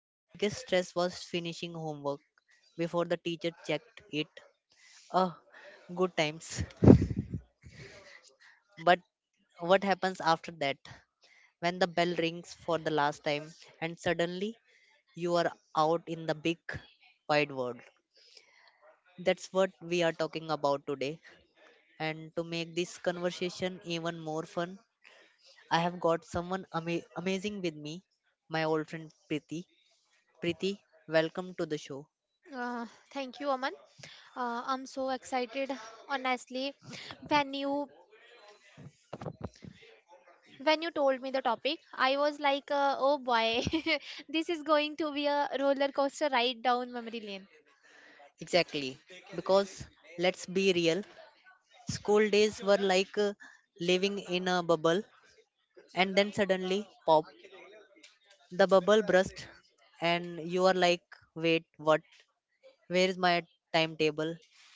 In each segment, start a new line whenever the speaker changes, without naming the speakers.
when the biggest stress was finishing homework before the teacher checked it. Oh, good times. But what happens after that? When the bell rings for the last time and suddenly you are out in the big wide world. That's what we are talking about today. And to make this conversation even more fun, I have got someone amazing with me, my old friend Priti. Priti, welcome to the show.
Uh, Thank you, Aman. I'm so excited, honestly. When you when you told me the topic, I was like, "Oh boy, this is going to be a roller coaster ride down memory lane."
Exactly, because let's be real, school days were like living in a bubble, and then suddenly, pop, the bubble burst and you are like wait what, where is my timetable,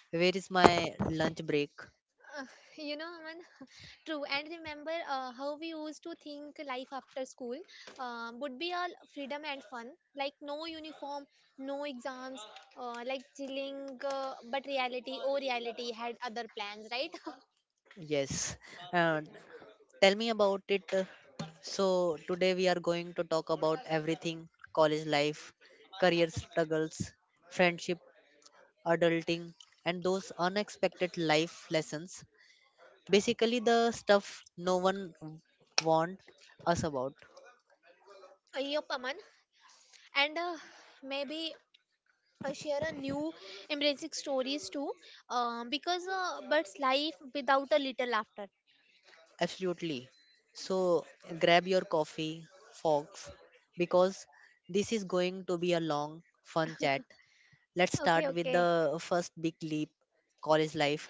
where is my lunch break?
Uh, you know, Aman, true. And remember how we used to think life after school would be all freedom and fun, like no uniform, no exams, like chilling. But reality, oh, reality had other plans, right?
Yes, and tell me about it. So today we are going to talk about everything: college life, career struggles, friendship, adulting, and those unexpected life lessons, basically the stuff no one warned us about.
Yup, Aman. And maybe share a new embracing stories too, because but life without a little laughter.
Absolutely. So grab your coffee, folks, because this is going to be a long, fun chat. Let's
Okay,
start with
okay.
the first big leap, college life.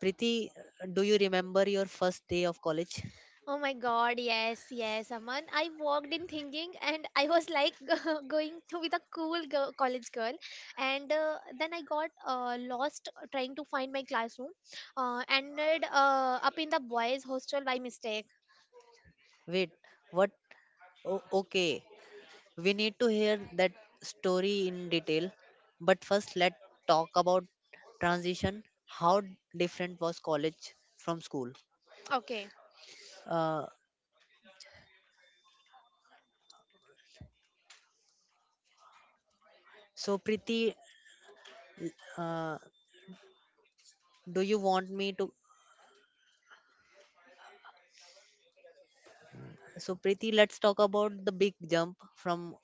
Priti, do you remember your first day of college?
Oh my God, yes, yes, Aman. I walked in thinking, and I was like going to with a cool girl, college girl, and then I got lost trying to find my classroom, ended up in the boys' hostel by mistake.
Wait, what? Okay, we need to hear that story in detail. But first, let's talk about transition. How different was college from school?
Okay.
Uh, so, Priti, uh, do you want me to so Preeti, let's talk about the big jump from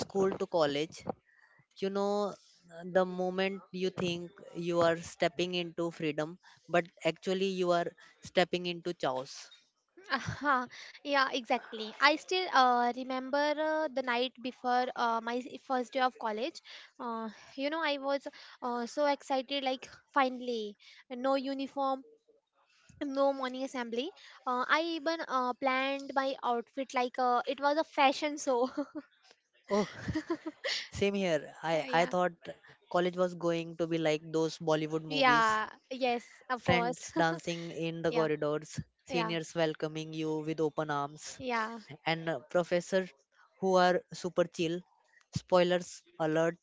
school to college. You know, the moment you think you are stepping into freedom, but actually you are stepping into chaos.
Uh-huh. Yeah, exactly. I still remember the night before my first day of college. Uh, I was so excited, like, finally, no uniform, no morning assembly. I even planned my outfit like it was a fashion show.
Oh, same here. I I
Yeah,
thought college was going to be like those Bollywood movies,
yeah, yes, of course.
friends dancing in the
Yeah,
corridors,
yeah,
seniors welcoming you with open arms,
yeah.
and professor who are super chill. Spoilers alert,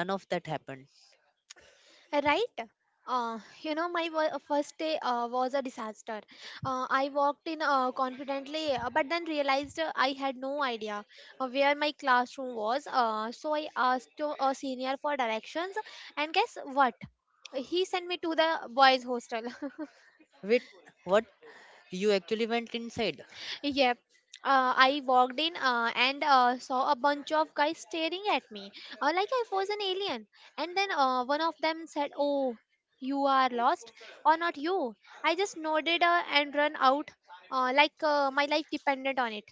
none of that happened.
Right. My first day was a disaster. I walked in confidently, but then realized I had no idea where my classroom was. So I asked a senior for directions, and guess what? He sent me to the boys' hostel.
Wait, what? You actually went inside?
Yep. I walked in and saw a bunch of guys staring at me like I was an alien. And then one of them said, "Oh, you are lost, or not you." I just nodded and ran out like my life depended on it.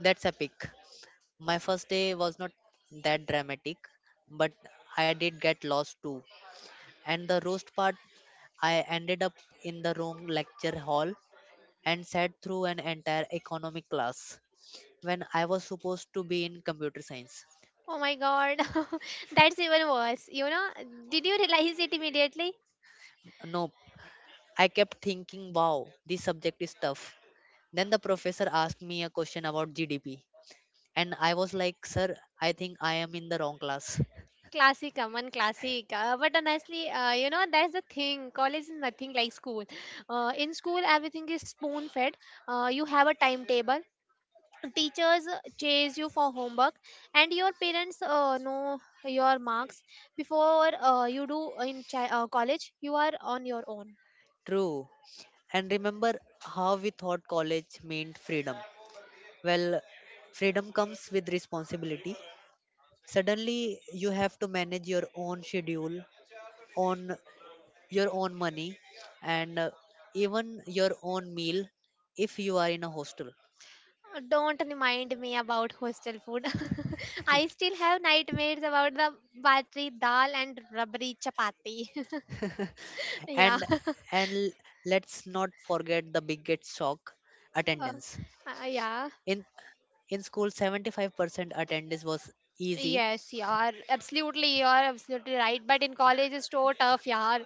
That's epic. My first day was not that dramatic, but I did get lost too. And the roast part, I ended up in the wrong lecture hall and sat through an entire economic class when I was supposed to be in computer science.
Oh my god, that's even worse. Did you realize it immediately?
Nope. I kept thinking, wow, this subject is tough. Then the professor asked me a question about GDP. And I was like, sir, I think I am in the wrong class.
Classic, one classic. But honestly, that's the thing. College is nothing like school. In school, everything is spoon fed. You have a timetable. Teachers chase you for homework, and your parents know your marks before you do in college. You are on your own.
True. And remember how we thought college meant freedom. Well, freedom comes with responsibility. Suddenly, you have to manage your own schedule, own your own money, and even your own meal if you are in a hostel.
Don't remind me about hostel food. I still have nightmares about the batri dal and rubbery chapati. Yeah.
And and let's not forget the biggest shock,
Uh,
attendance.
yeah.
In in school 75% attendance was easy.
Yes, yeah, absolutely, you are absolutely right. But in college, it's so tough, yeah.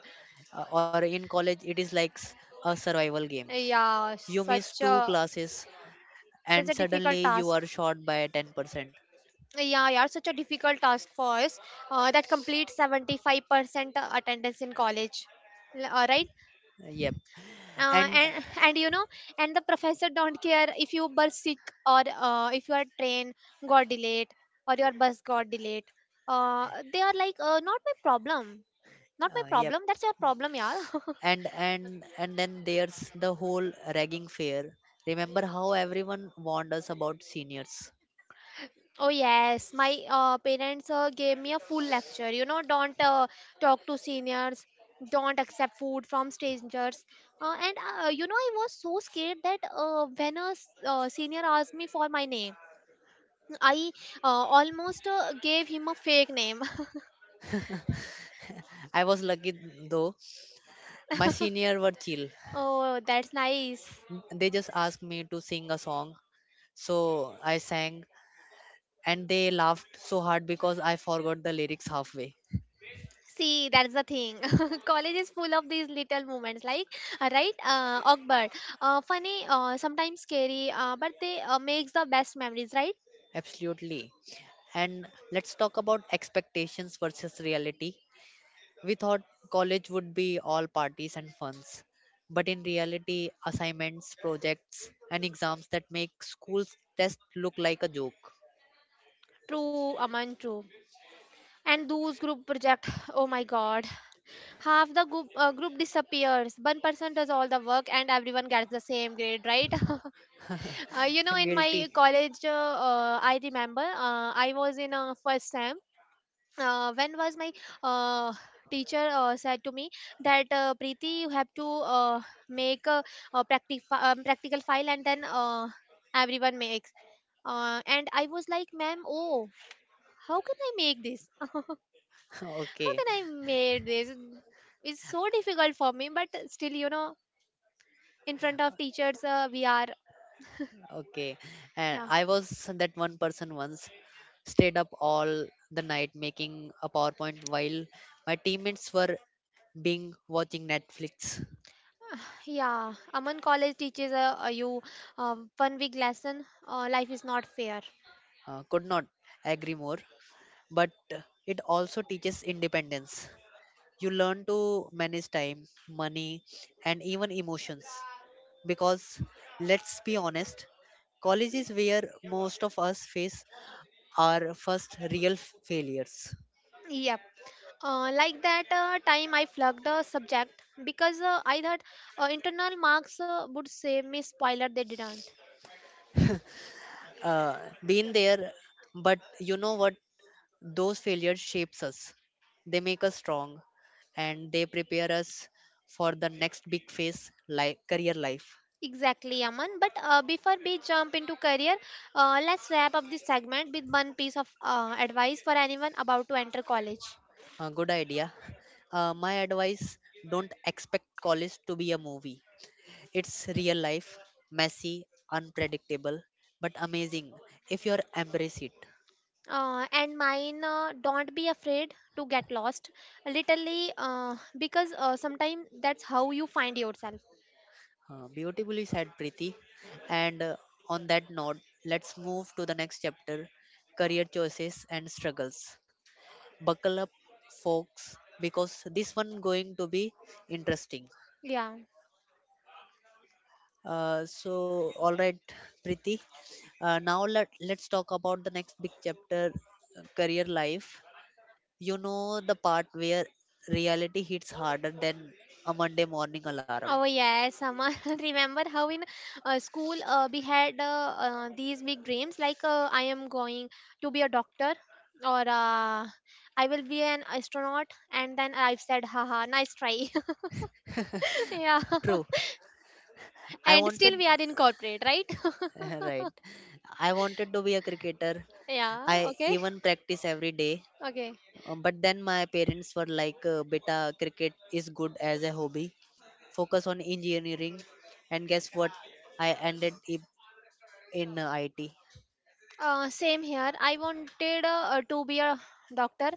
Or in college it is like a survival game.
Yeah,
You miss
such
two
a
classes
such
and
a difficult
suddenly you
task.
are short by 10%.
Yeah, yeah, such a difficult task for us. That completes 75% attendance in college. All right.
yep
uh,
and
and and you know, and the professor don't care if you were sick or if your train got delayed or your bus got delayed. They are like, not my problem, not my
uh, yep
problem. That's your problem, yeah.
and and and then there's the whole ragging fair. Remember how everyone warned us about seniors?
Oh yes, my parents gave me a full lecture. Don't talk to seniors, don't accept food from strangers. And I was so scared that when a senior asked me for my name, I almost gave him a fake name.
I was lucky though, my senior were chill.
Oh, that's nice.
They just asked me to sing a song, so I sang and they laughed so hard because I forgot the lyrics halfway.
See, that's the thing. College is full of these little moments, like right, awkward, funny, sometimes scary, but they makes the best memories, right?
Absolutely. And let's talk about expectations versus reality. We thought college would be all parties and funs, but in reality, assignments, projects, and exams that make school's test look like a joke.
True, Aman, true. And those group project, oh my god, half the group disappears. One person does all the work, and everyone gets the same grade, right? In my
Guilty.
college, I remember I was in a first sem. When was my uh, teacher said to me that Preeti, you have to make a practical file, and then everyone makes. And I was like, ma'am, oh, how can I make this? How
Okay,
can I made this? It's so difficult for me, but still, in front of teachers, we are.
okay. And
Yeah,
I was that one person once, stayed up all the night making a PowerPoint while my teammates were being watching Netflix.
yeah. Aman College teaches you one week lesson. Life is not fair.
Could not agree more, but it also teaches independence. You learn to manage time, money, and even emotions. Because let's be honest, college is where most of us face our first real failures.
Yep. Like that time I flunked the subject because I thought internal marks would save me. Spoiler, they didn't.
Uh, been there, but you know what? Those failures shapes us. They make us strong, and they prepare us for the next big phase, like career life.
Exactly, Aman. But before we jump into career, let's wrap up this segment with one piece of advice for anyone about to enter college.
Good idea. My advice: don't expect college to be a movie. It's real life, messy, unpredictable, but amazing if you embrace it.
And mine, don't be afraid to get lost, literally, because sometimes that's how you find yourself.
Beautifully said, Preeti. And on that note, let's move to the next chapter, career choices and struggles. Buckle up, folks, because this one going to be interesting.
Yeah.
All right, Preeti. Now let's talk about the next big chapter, career life. You know the part where reality hits harder than a Monday morning alarm.
Oh yes, Sama. Remember how in school we had these big dreams like I am going to be a doctor or I will be an astronaut, and then I've said, haha, nice try. Yeah.
True. I
And still
wanted
we are in corporate, right?
right. I wanted to be a cricketer.
Yeah.
I
Okay.
even practice every day.
Okay.
But then my parents were like, "Beta, cricket is good as a hobby. Focus on engineering." And guess what? I ended up in IT.
Same here. I wanted to be a doctor.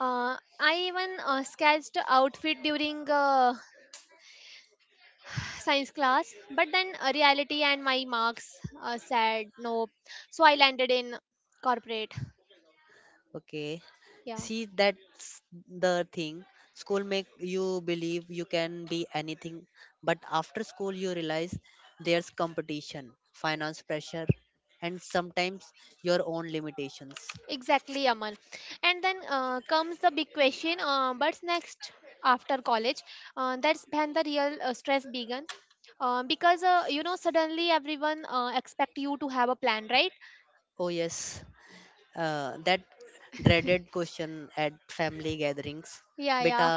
I even sketched outfit during science class, but then reality and my marks said no. So I landed in corporate.
Okay.
Yeah,
See, that's the thing. School make you believe you can be anything, but after school you realize there's competition, finance pressure, and sometimes your own limitations.
exactly, Amal. And then comes the big question. What's next after college? That's when the real stress began. Because suddenly everyone expect you to have a plan, right?
Oh yes, that dreaded question at family gatherings.
Yeah, yeah,
बेटा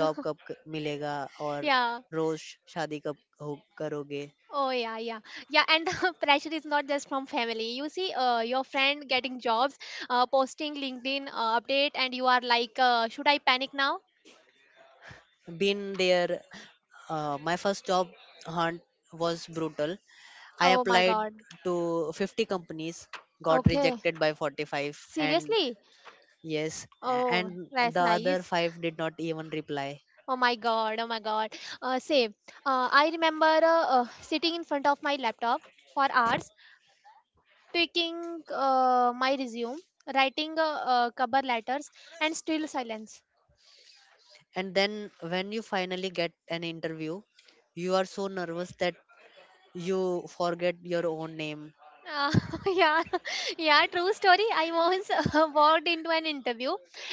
job कब मिलेगा और
yeah.
रोज शादी कब हो करोगे?
Oh yeah, yeah, yeah. And the pressure is not just from family. You see your friend getting jobs, posting LinkedIn update, and you are like, should I panic now?
Been there. My first job hunt was brutal. I
Oh my
applied
god.
to 50 companies, got
Okay,
rejected by 45, and
seriously.
yes,
Oh,
and
that's
the other
nice.
five did not even reply.
Oh my god, oh my god. Same. I remember sitting in front of my laptop for hours tweaking my resume, writing cover letters, and still silence.
And then when you finally get an interview, you are so nervous that you forget your own name.
Uh, yeah, yeah, true story. I once walked into an interview,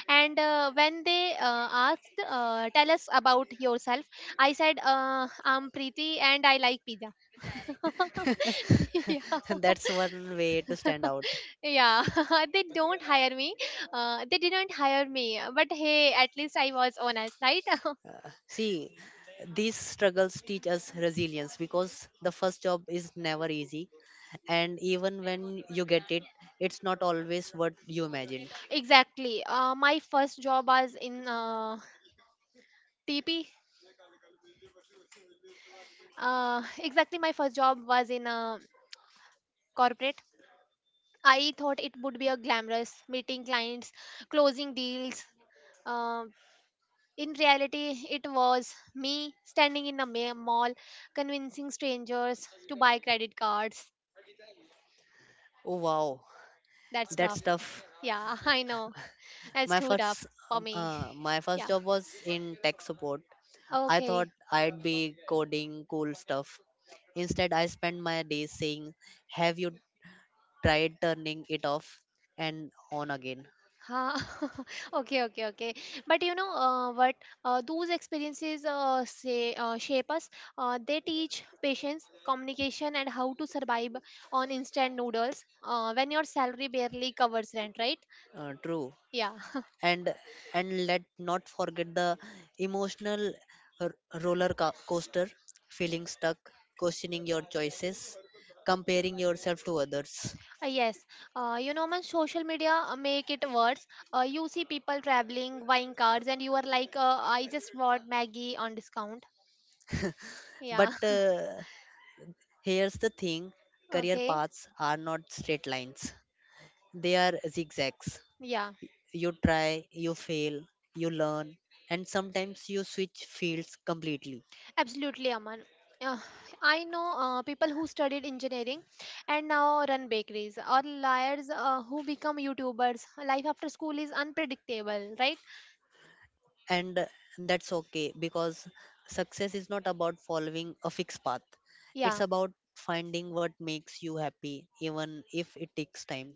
and when they asked, "Tell us about yourself," I said, "I'm Preeti, and I like pizza." Yeah,
That's one way to stand out.
yeah. They don't hire me. They didn't hire me, but hey, at least I was honest, right?
See, these struggles teach us resilience because the first job is never easy. And even when you get it, it's not always what you imagined.
Exactly. My first job was in TP. Exactly, my first job was in a corporate. I thought it would be a glamorous meeting clients, closing deals. Um, in reality, it was me standing in a mall, convincing strangers to buy credit cards.
Oh, wow,
That's
that's
tough.
tough.
Yeah, I know. That's
My
too tough
first,
for me.
my
Yeah.
first job was in tech support. I thought
Okay.
I'd be coding cool stuff. Instead, I spent my days saying, have you tried turning it off and on again?
Huh. Okay, okay, okay. But you know what? Those experiences say, shape us. They teach patience, communication, and how to survive on instant noodles when your salary barely covers rent, right?
True.
Yeah.
And let not forget the emotional r- roller coaster, feeling stuck, questioning your choices, comparing yourself to others.
Yes. Man, social media make it worse. You see people traveling, buying cars, and you are like, I just bought Maggie on discount.
But
Yeah.
here's the thing, career
Okay.
paths are not straight lines, they are zigzags.
Yeah.
You try, you fail, you learn, and sometimes you switch fields completely.
Absolutely, Aman. Uh, I know people who studied engineering and now run bakeries, or liars who become YouTubers. Life after school is unpredictable, right?
And that's okay because success is not about following a fixed path. It's
Yeah.
about finding what makes you happy even if it takes time.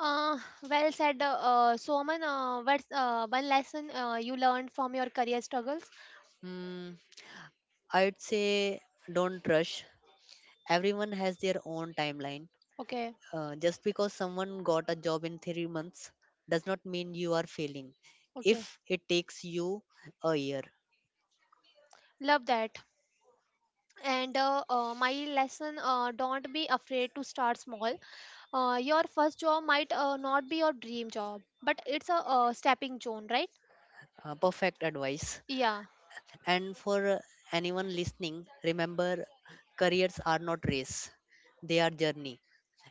Uh, well said, so Aman. What's one lesson you learned from your career struggles?
Mm, I'd say don't rush, everyone has their own timeline.
Okay,
Just because someone got a job in 3 months does not mean you are failing
okay,
if it takes you a year.
love that. And my lesson: don't be afraid to start small. Your first job might not be your dream job, but it's a stepping stone, right?
Perfect advice.
Yeah.
And for anyone listening, remember careers are not race, they are journey.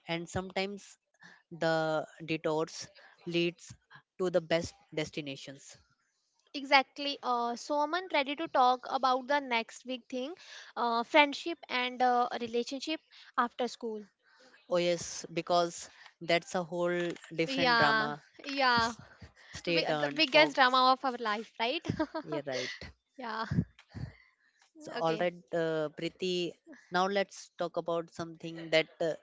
And sometimes the detours leads to the best destinations.
Exactly. Soman, ready to talk about the next big thing, friendship and relationship after school.
Oh yes, because that's a whole different
Yeah,
drama.
yeah.
Stay
We, the
tuned,
biggest
folks.
drama of our life, right?
You're right.
Yeah.
So all
Okay.
right, Preeti. Now let's talk about something that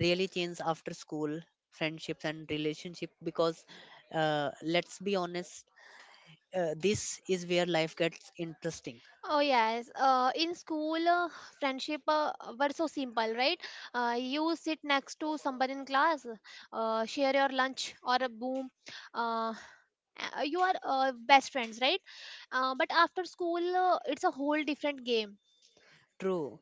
really changed after school, friendships and relationship. Because let's be honest, this is where life gets interesting.
Oh yes. In school, friendship were so simple, right? You sit next to someone in class, share your lunch or a boom. Uh, you are best friends, right? But after school, it's a whole different game.
True.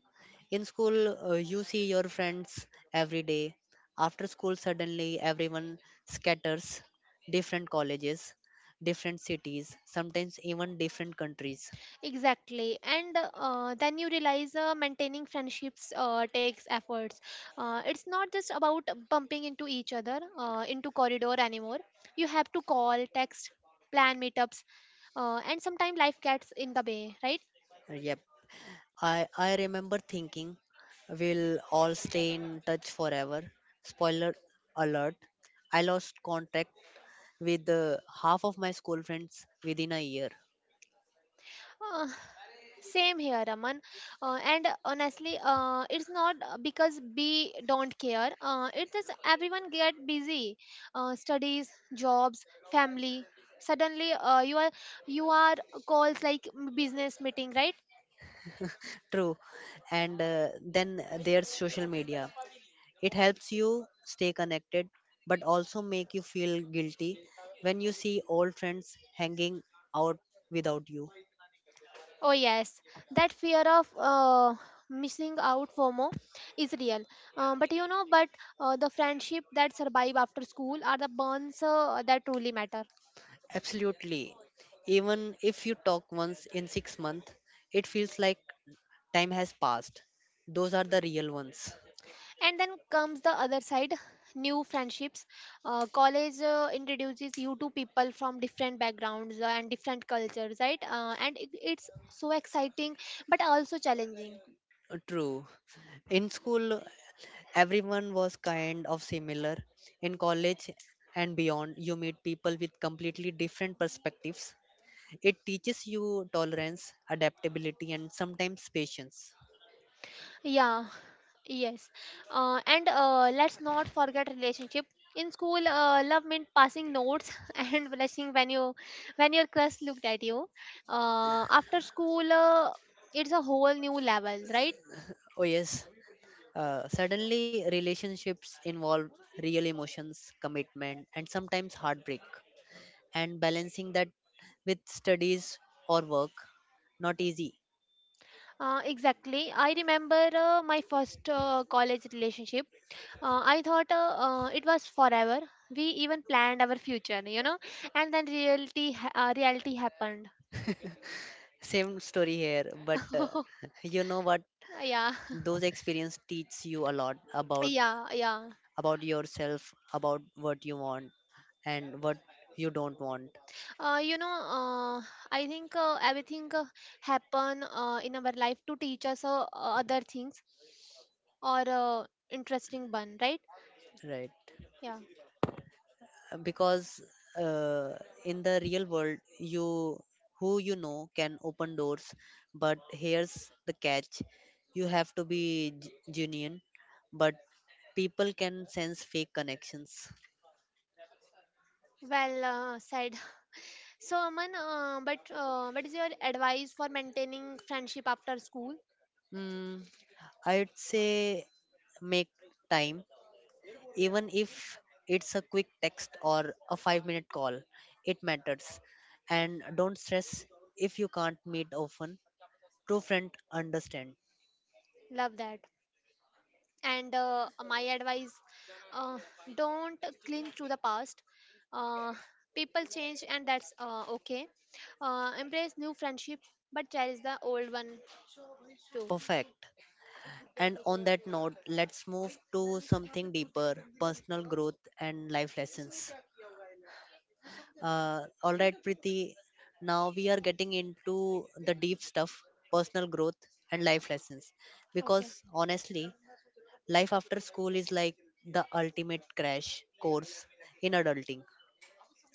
In school, you see your friends every day. After school, suddenly everyone scatters, different colleges, different cities, sometimes even different countries.
Exactly. And then you realize maintaining friendships takes efforts. It's not just about bumping into each other into corridor anymore. You have to call, text, plan meetups, and sometimes life gets in the way, right?
Yep. I remember thinking we'll all stay in touch forever. Spoiler alert, I lost contact with half of my school friends within a year.
Uh, Same here, Raman. And honestly, it's not because we don't care. It is everyone get busy, studies, jobs, family. Suddenly, you are calls like business meeting, right?
True. And then there's social media. It helps you stay connected, but also make you feel guilty when you see old friends hanging out without you.
Oh yes, that fear of missing out FOMO is real. But the friendship that survive after school are the bonds that truly matter.
Absolutely. Even if you talk once in 6 months, it feels like time has passed. Those are the real ones.
And then comes the other side, new friendships. College introduces you to people from different backgrounds and different cultures, right? And it's so exciting but also challenging.
True. In school, everyone was kind of similar. In college and beyond, you meet people with completely different perspectives. It teaches you tolerance, adaptability, and sometimes patience.
Yeah, yes. And let's not forget relationship. In school, love meant passing notes and blushing when you, when your crush looked at you. After school, it's a whole new level, right?
Oh, yes. Suddenly, relationships involve real emotions, commitment, and sometimes heartbreak. And balancing that with studies or work, not easy.
Exactly. I remember my first college relationship. I thought it was forever. We even planned our future, you know, and then reality reality happened.
Same story here, but you know what?
Yeah,
Those experiences teach you a lot
yeah, yeah.
about yourself, about what you want and what you don't want,
Uh, you know, uh, I think everything happen in our life to teach us other things or interesting one, right?
right?
Yeah.
Because uh, in the real world, you who you know can open doors, but here's the catch: you have to be genuine, but people can sense fake connections.
Well, said. So, Aman, but what is your advice for maintaining friendship after school?
Mm, I'd say make time. Even if it's a quick text or a 5 minute call, it matters. And don't stress if you can't meet often. True friend understand.
Love that. And my advice, uh, don't cling to the past. Uh, People change, and that's okay. Embrace new friendship, but cherish the old one too.
Perfect. And on that note, let's move to something deeper, personal growth and life lessons. All right, Priti, now we are getting into the deep stuff, personal growth and life lessons, because
Okay.
honestly, life after school is like the ultimate crash course in adulting.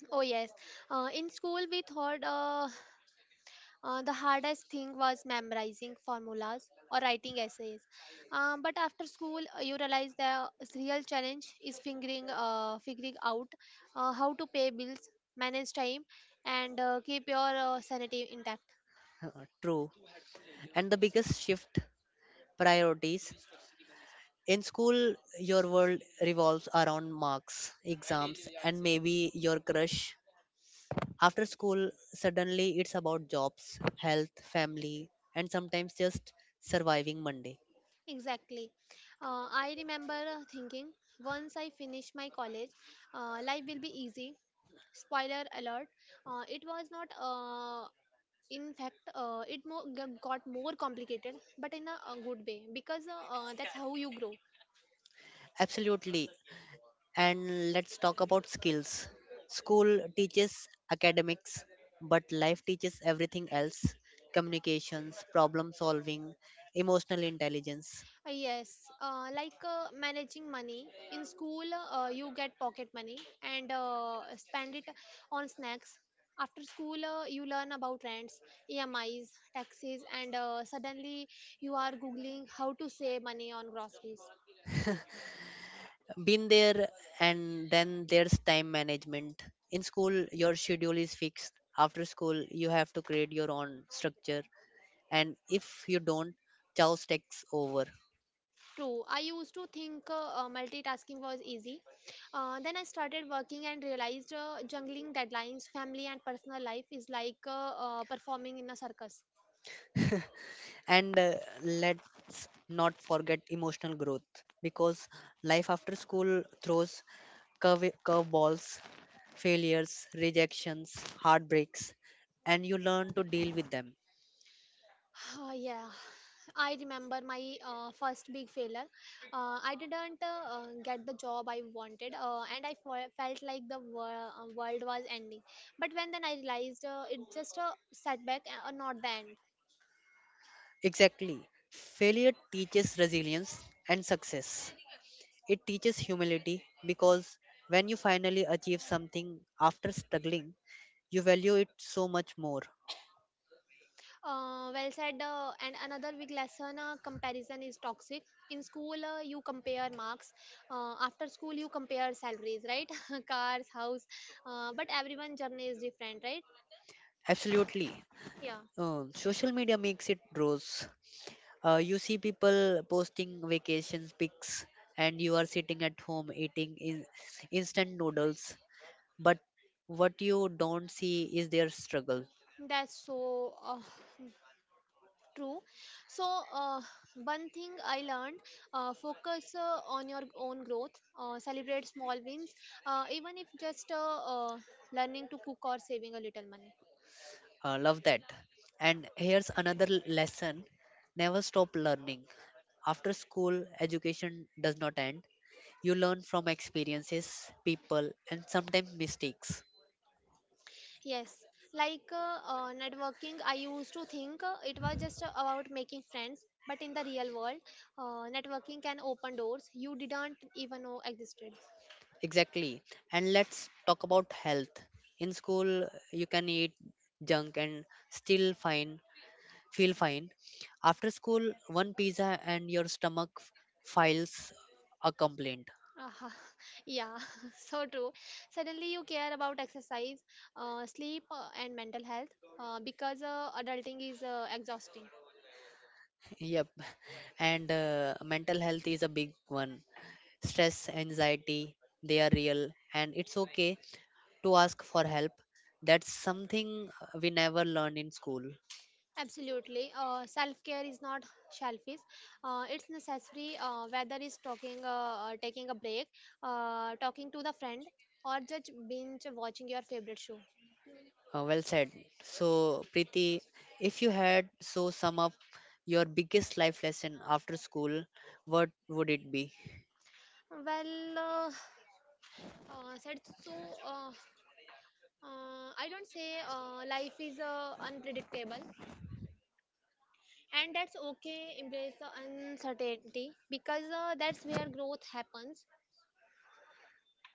Oh, yes. In school, we thought the hardest thing was memorizing formulas or writing essays. But after school, you realize the real challenge is figuring out how to pay bills, manage time, and keep your sanity intact.
True. And the biggest shift, priorities. In school, your world revolves around marks, exams, and maybe your crush. After school, suddenly it's about jobs, health, family, and sometimes just surviving Monday.
Exactly. I remember thinking once I finish my college, life will be easy. Spoiler alert, it was not. In fact, it more, got more complicated, but in a good way, because that's how you grow.
Absolutely. And let's talk about skills. School teaches academics, but life teaches everything else, communications, problem solving, emotional intelligence.
Yes, like managing money in school, you get pocket money and spend it on snacks. After school, you learn about rents, E M I's, taxes, and suddenly you are googling how to save money on groceries.
Been there, and then there's time management. In school, your schedule is fixed. After school, you have to create your own structure. And if you don't, chaos takes over.
True. I used to think multitasking was easy. Then I started working and realized juggling deadlines, family, and personal life is like performing in a circus.
And let's not forget emotional growth because life after school throws curveballs, failures, rejections, heartbreaks, and you learn to deal with them.
Yeah. I remember my first big failure. I didn't get the job I wanted, and I felt like the world was ending. But when then I realized it's just a setback, not the end.
Exactly. Failure teaches resilience and success. It teaches humility because when you finally achieve something after struggling, you value it so much more.
Well said. And another big lesson, comparison is toxic. In school, you compare marks. After school, you compare salaries, right? Cars, house. But everyone journey is different, right?
Absolutely.
Yeah,
Social media makes it rose. You see people posting vacation pics, and you are sitting at home eating instant noodles. But what you don't see is their struggle.
that's so true. So, uh, one thing I learned, focus on your own growth, celebrate small wins, even if just uh, learning to cook or saving a little money.
Love that. And here's another lesson, never stop learning. After school, education does not end. You learn from experiences, people, and sometimes mistakes.
Yes, like networking, I used to think it was just about making friends, but in the real world, networking can open doors you didn't even know existed.
Exactly. And let's talk about health. In school, you can eat junk and still fine. Feel fine. After school, one pizza and your stomach files a complaint.
Aha, yeah, so true. Suddenly, you care about exercise, sleep, and mental health because adulting is exhausting.
Yep. And mental health is a big one. Stress, anxiety, they are real, and it's okay to ask for help. That's something we never learn in school.
Absolutely. Self care is not selfish. It's necessary. Whether it's taking a break, talking to the friend, or just binge watching your favorite show.
Well said. So, Preeti, if you had so sum up your biggest life lesson after school, what would it be?
Well, said so. I don't say life is unpredictable, and that's okay. Embrace the uncertainty because that's where growth happens.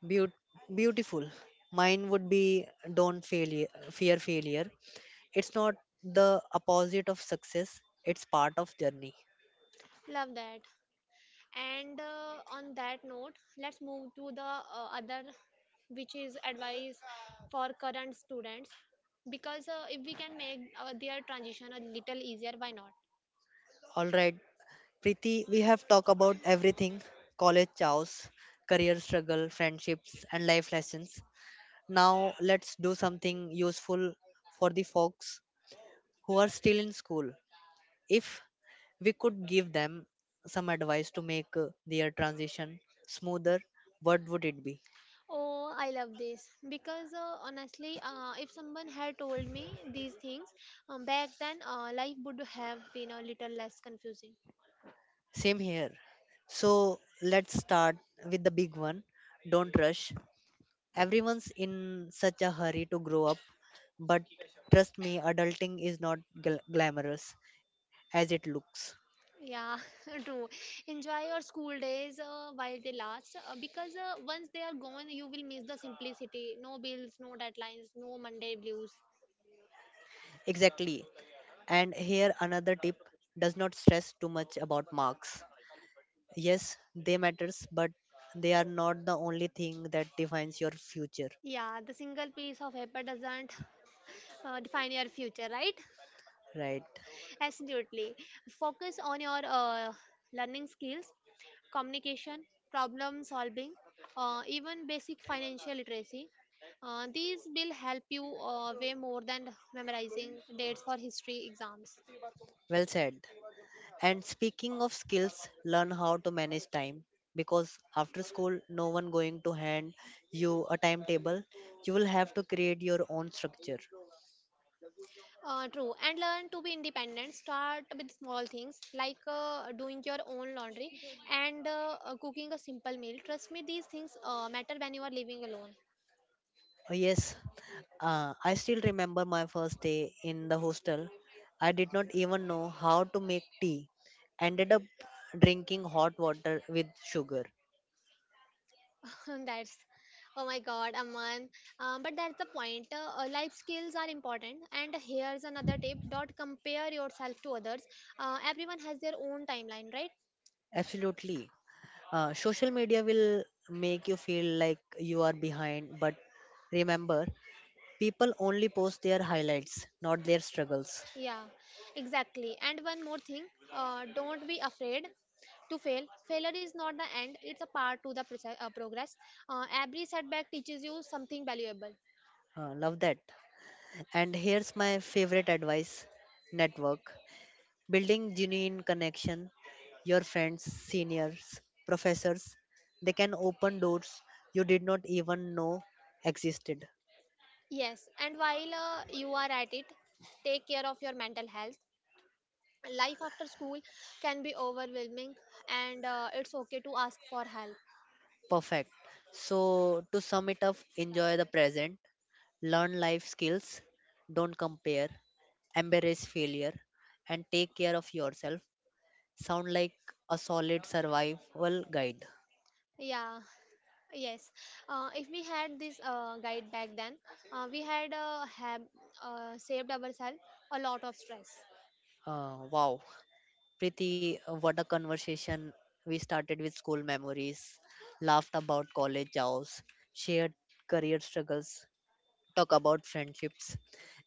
Beau- Beautiful. Mine would be don't failure, fear failure. It's not the opposite of success. It's part of journey.
Love that. And on that note, let's move to the other, which is advice for current students. Because if we can make their transition a little easier, why not?
All right, Preeti, we have talked about everything: college chows, career struggle, friendships, and life lessons. Now let's do something useful for the folks who are still in school. If we could give them some advice to make their transition smoother, what would it be?
Oh, I love this. Because honestly, if someone had told me these things back then, life would have been a little less confusing.
Same here. So let's start with the big one. Don't rush. Everyone's in such a hurry to grow up, but trust me, adulting is not glamorous as it looks.
Yeah, true. Enjoy your school days while they last, because once they are gone, you will miss the simplicity. No bills, no deadlines, no Monday blues.
Exactly. And here another tip does not stress too much about marks. Yes, they matters, but they are not the only thing that defines your future.
Yeah, the single piece of paper doesn't define your future, right?
Right.
Absolutely. Focus on your learning skills, communication, problem solving, even basic financial literacy. These will help you way more than memorizing dates for history exams.
Well said. And speaking of skills, learn how to manage time because after school no one going to hand you a timetable. You will have to create your own structure.
True. And learn to be independent. Start with small things like doing your own laundry and cooking a simple meal. Trust me, these things matter when you are living alone.
Yes, I still remember my first day in the hostel. I did not even know how to make tea. Ended up drinking hot water with sugar.
That's, oh my god, Aman. But that's the point. Life skills are important. And here's another tip: don't compare yourself to others. Everyone has their own timeline, right?
Absolutely. Social media will make you feel like you are behind, but remember, people only post their highlights, not their struggles.
Yeah, exactly. And one more thing, don't be afraid to fail. Failure is not the end; it's a part to the process, progress. Every setback teaches you something valuable.
Love that. And here's my favorite advice network. Building genuine connection, your friends, seniors, professors, they can open doors you did not even know existed.
Yes, and while you are at it, take care of your mental health. Life after school can be overwhelming, and it's okay to ask for help.
Perfect. So, to sum it up, enjoy the present, learn life skills, don't compare, embrace failure, and take care of yourself. Sound like a solid survival guide.
Yeah, yes. If we had this guide back then, we had have saved ourselves a lot of stress.
Wow, Preeti, what a conversation. We started with school memories, laughed about college jobs, shared career struggles, talked about friendships,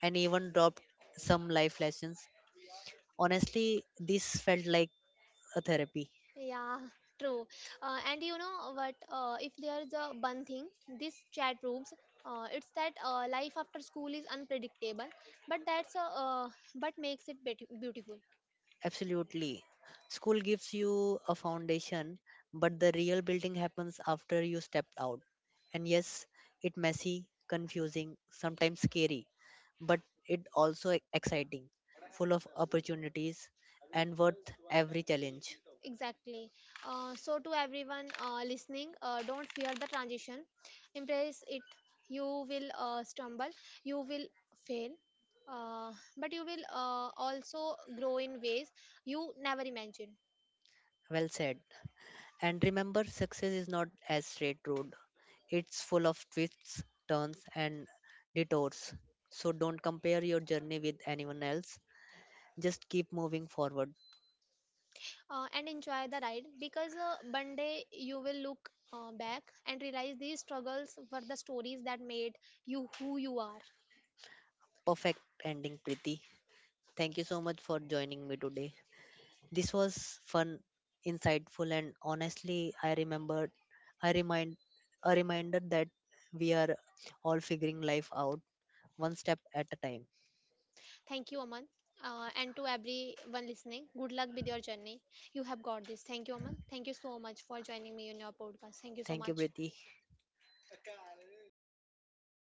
and even dropped some life lessons. Honestly, this felt like a therapy.
Yeah, true. And you know what? If there's a one thing this chat proves, it's that life after school is unpredictable, but that's a, but makes it beautiful.
Absolutely. School gives you a foundation, but the real building happens after you stepped out. And yes, it messy, confusing, sometimes scary, but it also exciting, full of opportunities and worth every challenge.
Exactly. So to everyone listening, don't fear the transition. Embrace it. You will stumble. You will fail. Uh, but you will also grow in ways you never imagined.
Well said. And remember, success is not as straight road. It's full of twists, turns and detours. So don't compare your journey with anyone else. Just keep moving forward.
And enjoy the ride because one day you will look back and realize these struggles were the stories that made you who you are.
Perfect ending, Preeti. Thank you so much for joining me today. This was fun, insightful, and honestly, I remembered, I remind, a reminder that we are all figuring life out one step at a time.
Thank you, Aman. And to everyone listening, good luck with your journey. You have got this. Thank you, Aman. Thank you so much for joining me in your podcast. Thank you so
Thank you,
much.
Preeti.